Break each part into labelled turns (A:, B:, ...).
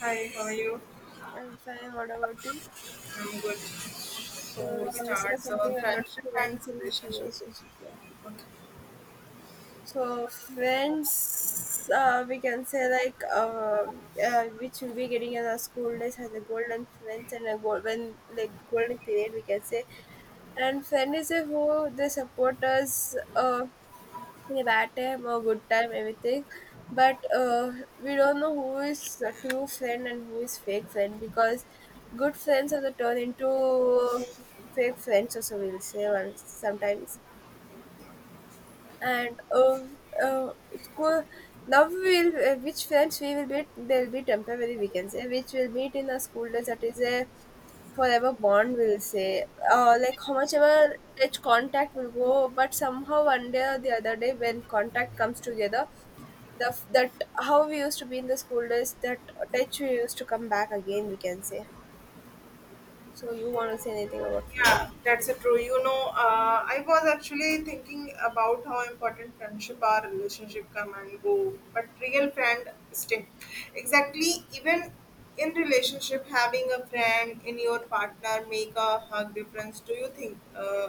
A: Hi, how are you?
B: I'm fine. What about you?
A: I'm good.
B: So
A: So
B: we can discuss
A: starts a
B: something about
A: friendship and
B: friends in
A: relationship.
B: relationships. Yeah.
A: Okay.
B: So friends, we can say like which will be getting in our school days has a golden friends and a golden like golden period we can say. And friend is a who they support us. In a bad time or good time, everything. But we don't know who is a true friend and who is fake friend because good friends are the turn into fake friends, also we'll say once sometimes. And uh, School now we will, which friends we will meet they'll be temporary we can say, which will meet in the school days, that is a forever bond will say, like how much ever each contact will go, but somehow one day or the other day when contact comes together, that how we used to be in the school days, that touch we used to come back again we can say. So you want to say anything about? uh,
A: Yeah, that's a true. I was actually thinking about how important friendship or relationship come and go, but real friend stay. Exactly, even in relationship, having a friend in your partner make a hug difference. Do you think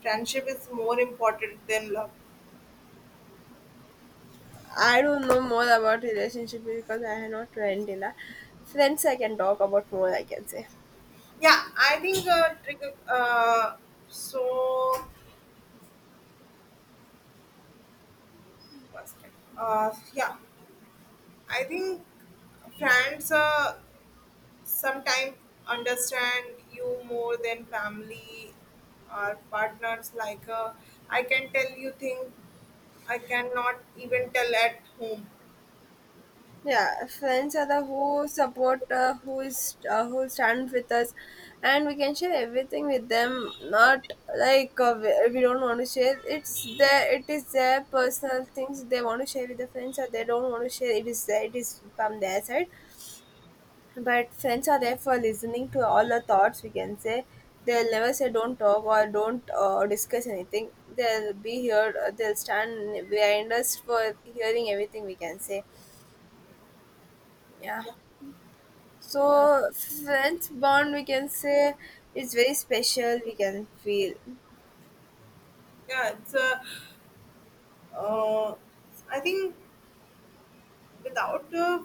A: friendship is more important than love?
B: I don't know more about relationship because I have not went in a friends. I can talk about more I can say.
A: Yeah, I think trigger. So constant. Yeah, I think friends sometimes understand you more than family or partners. I can tell you things I cannot even tell at home.
B: Yeah, friends are the who support, who stand with us, and we can share everything with them. Not like, we don't want to share, it's their, it is their personal things, they want to share with the friends or they don't want to share, it is there, it is from their side. But friends are there for listening to all our thoughts we can say. They'll never say don't talk or don't, discuss anything. They'll be here, they'll stand behind us for hearing everything we can say. Yeah.
A: Yeah, yeah,
B: So friends bond we can say is very special we can feel.
A: yeah it's uh, I think without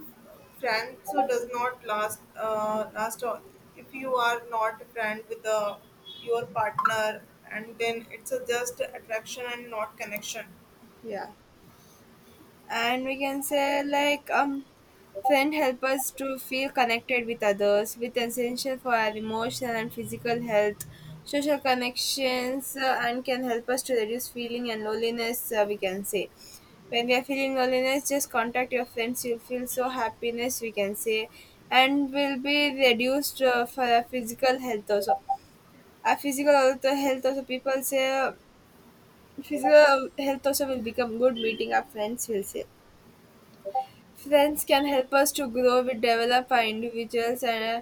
A: friends so does not last last all if you are not a friend with your partner, and then it's a just attraction and not connection.
B: Yeah. And we can say like friend help us to feel connected with others, with essential for our emotional and physical health. Social connections, and can help us to reduce feeling and loneliness, we can say. When we are feeling loneliness, just contact your friends, you'll feel so happiness we can say. And will be reduced, for our physical health also. Physical also, health also, people say, physical health also will become good meeting our friends will say. Friends can help us to grow, we develop our individuals, and uh,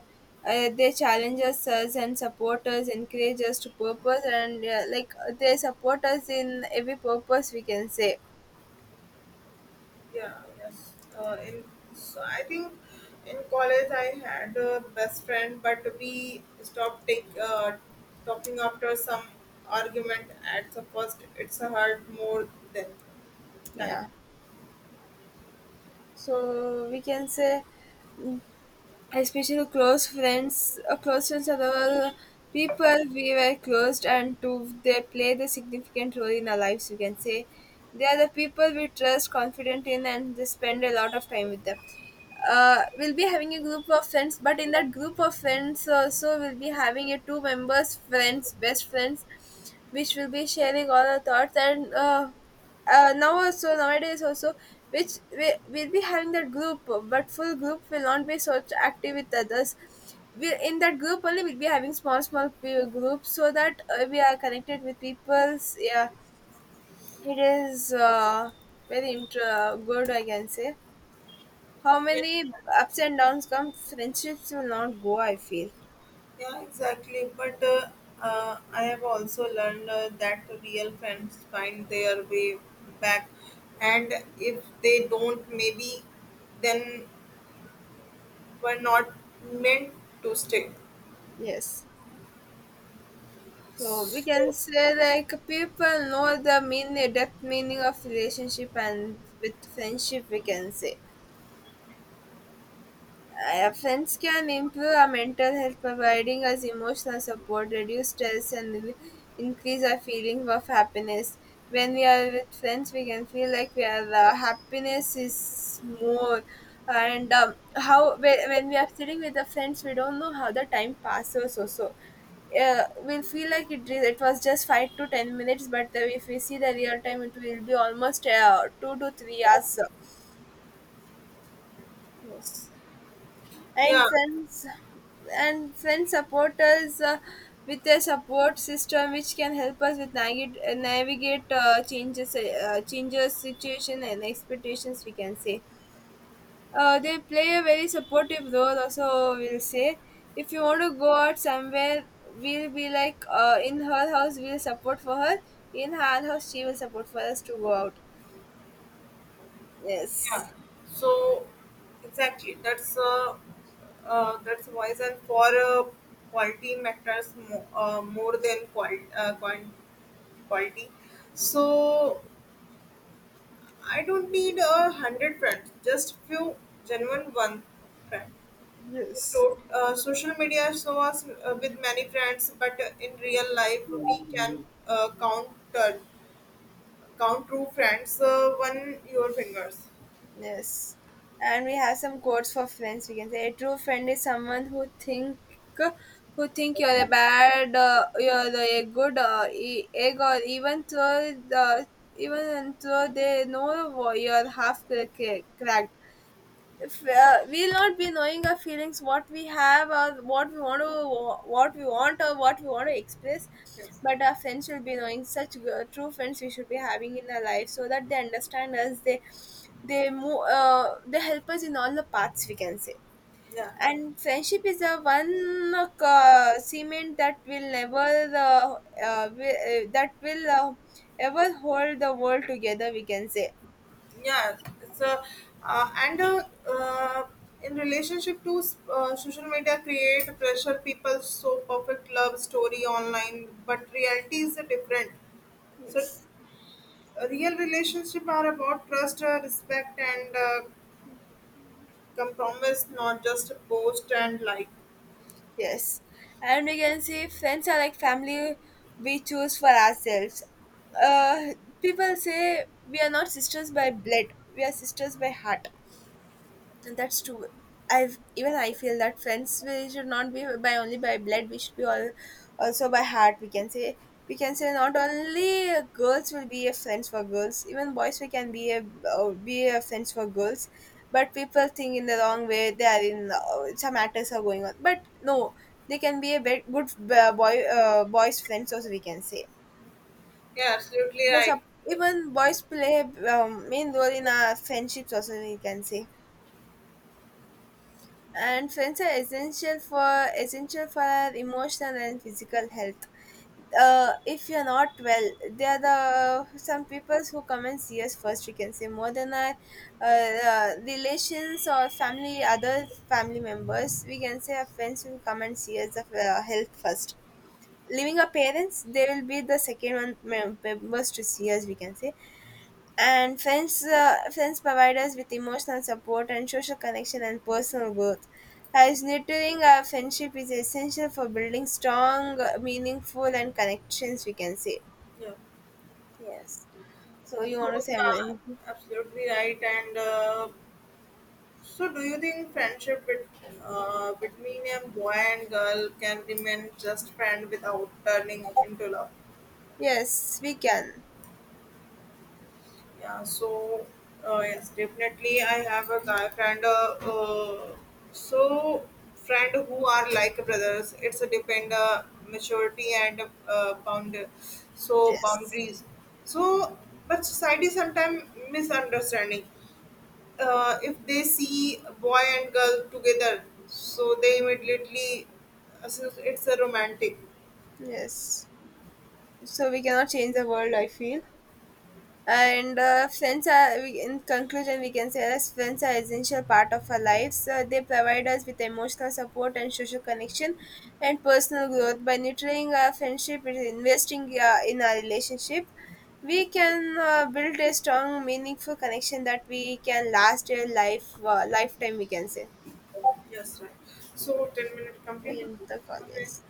B: uh, they challenge us and support us, encourage us to purpose, and like they support us in every purpose we can say.
A: Yeah, yes, in so I think in college I had a best friend but we stopped talking after some argument. At the first it's hurt more than time.
B: Yeah. So we can say especially close friends, close friends are the people we were close and to, they played a significant role in our lives you can say. They are the people we trust, confident in, and they spend a lot of time with them. We'll be having a group of friends, but in that group of friends also we'll be having a two members friends, best friends, which will be sharing all our thoughts, and now also, nowadays also, which we will be having that group, but full group will not be so active with others. We, in that group only we'll be having small groups so that, we are connected with people's. Yeah, it is, very good I can say. How
A: Yeah.
B: many ups and downs come, friendships will not go I feel.
A: Yeah, exactly. But I have also learned that real friends find their way back, and if they don't, maybe then were not meant to stay.
B: Yes. So we can say like people know the mean depth meaning of relationship and with friendship we can say. Friends can improve our mental health, providing us emotional support, reduce stress, and increase our feelings of happiness. When we are with friends, we can feel like we are, happiness is more. And when we are sitting with the friends, we don't know how the time passes. Also, we'll feel like it was just 5 to 10 minutes, but if we see the real time, it will be almost, 2 to 3 hours. Yes. and
A: Yeah,
B: friends and friends support us, with their support system which can help us with navigate, navigate, changes, changes situation and expectations we can say. They play a very supportive role also we'll say. If you want to go out somewhere, we'll be like, in her house we'll support for her, in her house she will support for us to go out.
A: yeah.
B: Yes.
A: So exactly, that's wise, and for quality matters more than quality. So I don't need a hundred friends, just few genuine one friend.
B: Yes.
A: To- social media shows us with many friends, but in real life we can uh, count uh, count true friends on your fingers.
B: Yes. And we have some quotes for friends. We can say a true friend is someone who think you're a bad, you're a good egg, or even though the even though they know you're half cracked. If, we'll not be knowing our feelings, what we have or what we want to, what we want or what we want to express,
A: Yes.
B: but our friends will be knowing. Such true friends we should be having in our life, so that they understand us, they move, they help us in all the paths we can say.
A: Yeah.
B: And friendship is a one, cement that will never, uh, that will, ever hold the world together we can say.
A: Yeah. It's a and uh, in relationship to social media create pressure. People so perfect love story online, but reality is different. So
B: Yes.
A: a real relationship are about trust, respect, and compromise, not just a post and like.
B: Yes. And we can see friends are like family we choose for ourselves. Uh, People say we are not sisters by blood, we are sisters by heart. And that's true. I've even, I feel that friends we should not be by only by blood, we should be all also by heart. We can say, we can say not only girls will be a friends for girls. Even boys we can be a, be a friends for girls. But people think in the wrong way. They are in, some matters are going on. But no, they can be a bit good, boys friends also. We can say
A: Yeah, absolutely
B: there's a,
A: right.
B: even boys play, main role in our friendships also. We can say. And friends are essential for essential for our emotional and physical health. If you're not well, they are the some people who come and see us first we can say, more than our, uh, relations or family, other family members we can say. Our friends will come and see us of, health first, leaving our parents they will be the second one members to see us we can say. And friends, friends provide us with emotional support and social connection and personal growth. As nurturing our friendship is essential for building strong, meaningful, and connections, we can say.
A: Yeah.
B: Yes. So you want to
A: So
B: say
A: yeah,
B: anything?
A: absolutely right. And so, do you think friendship between a boy and girl can remain just friend without turning into love?
B: Yes, we can.
A: Yeah, so yes, definitely. I have a guy friend, so friend who are like brothers. It's a depend maturity and uh, bound, so
B: Yes.
A: boundaries. So, but society sometimes misunderstanding. If they see boy and girl together, so they immediately associate it's a romantic.
B: Yes. So we cannot change the world, I feel, and friends are we, in conclusion we can say that friends are essential part of our lives. They provide us with emotional support and social connection and personal growth. By nurturing our friendship and investing, in our relationship, we can, build a strong meaningful connection that we can last a lifetime we can say.
A: Yes, right. So 10 minute complete.
B: In the
A: Okay.
B: college.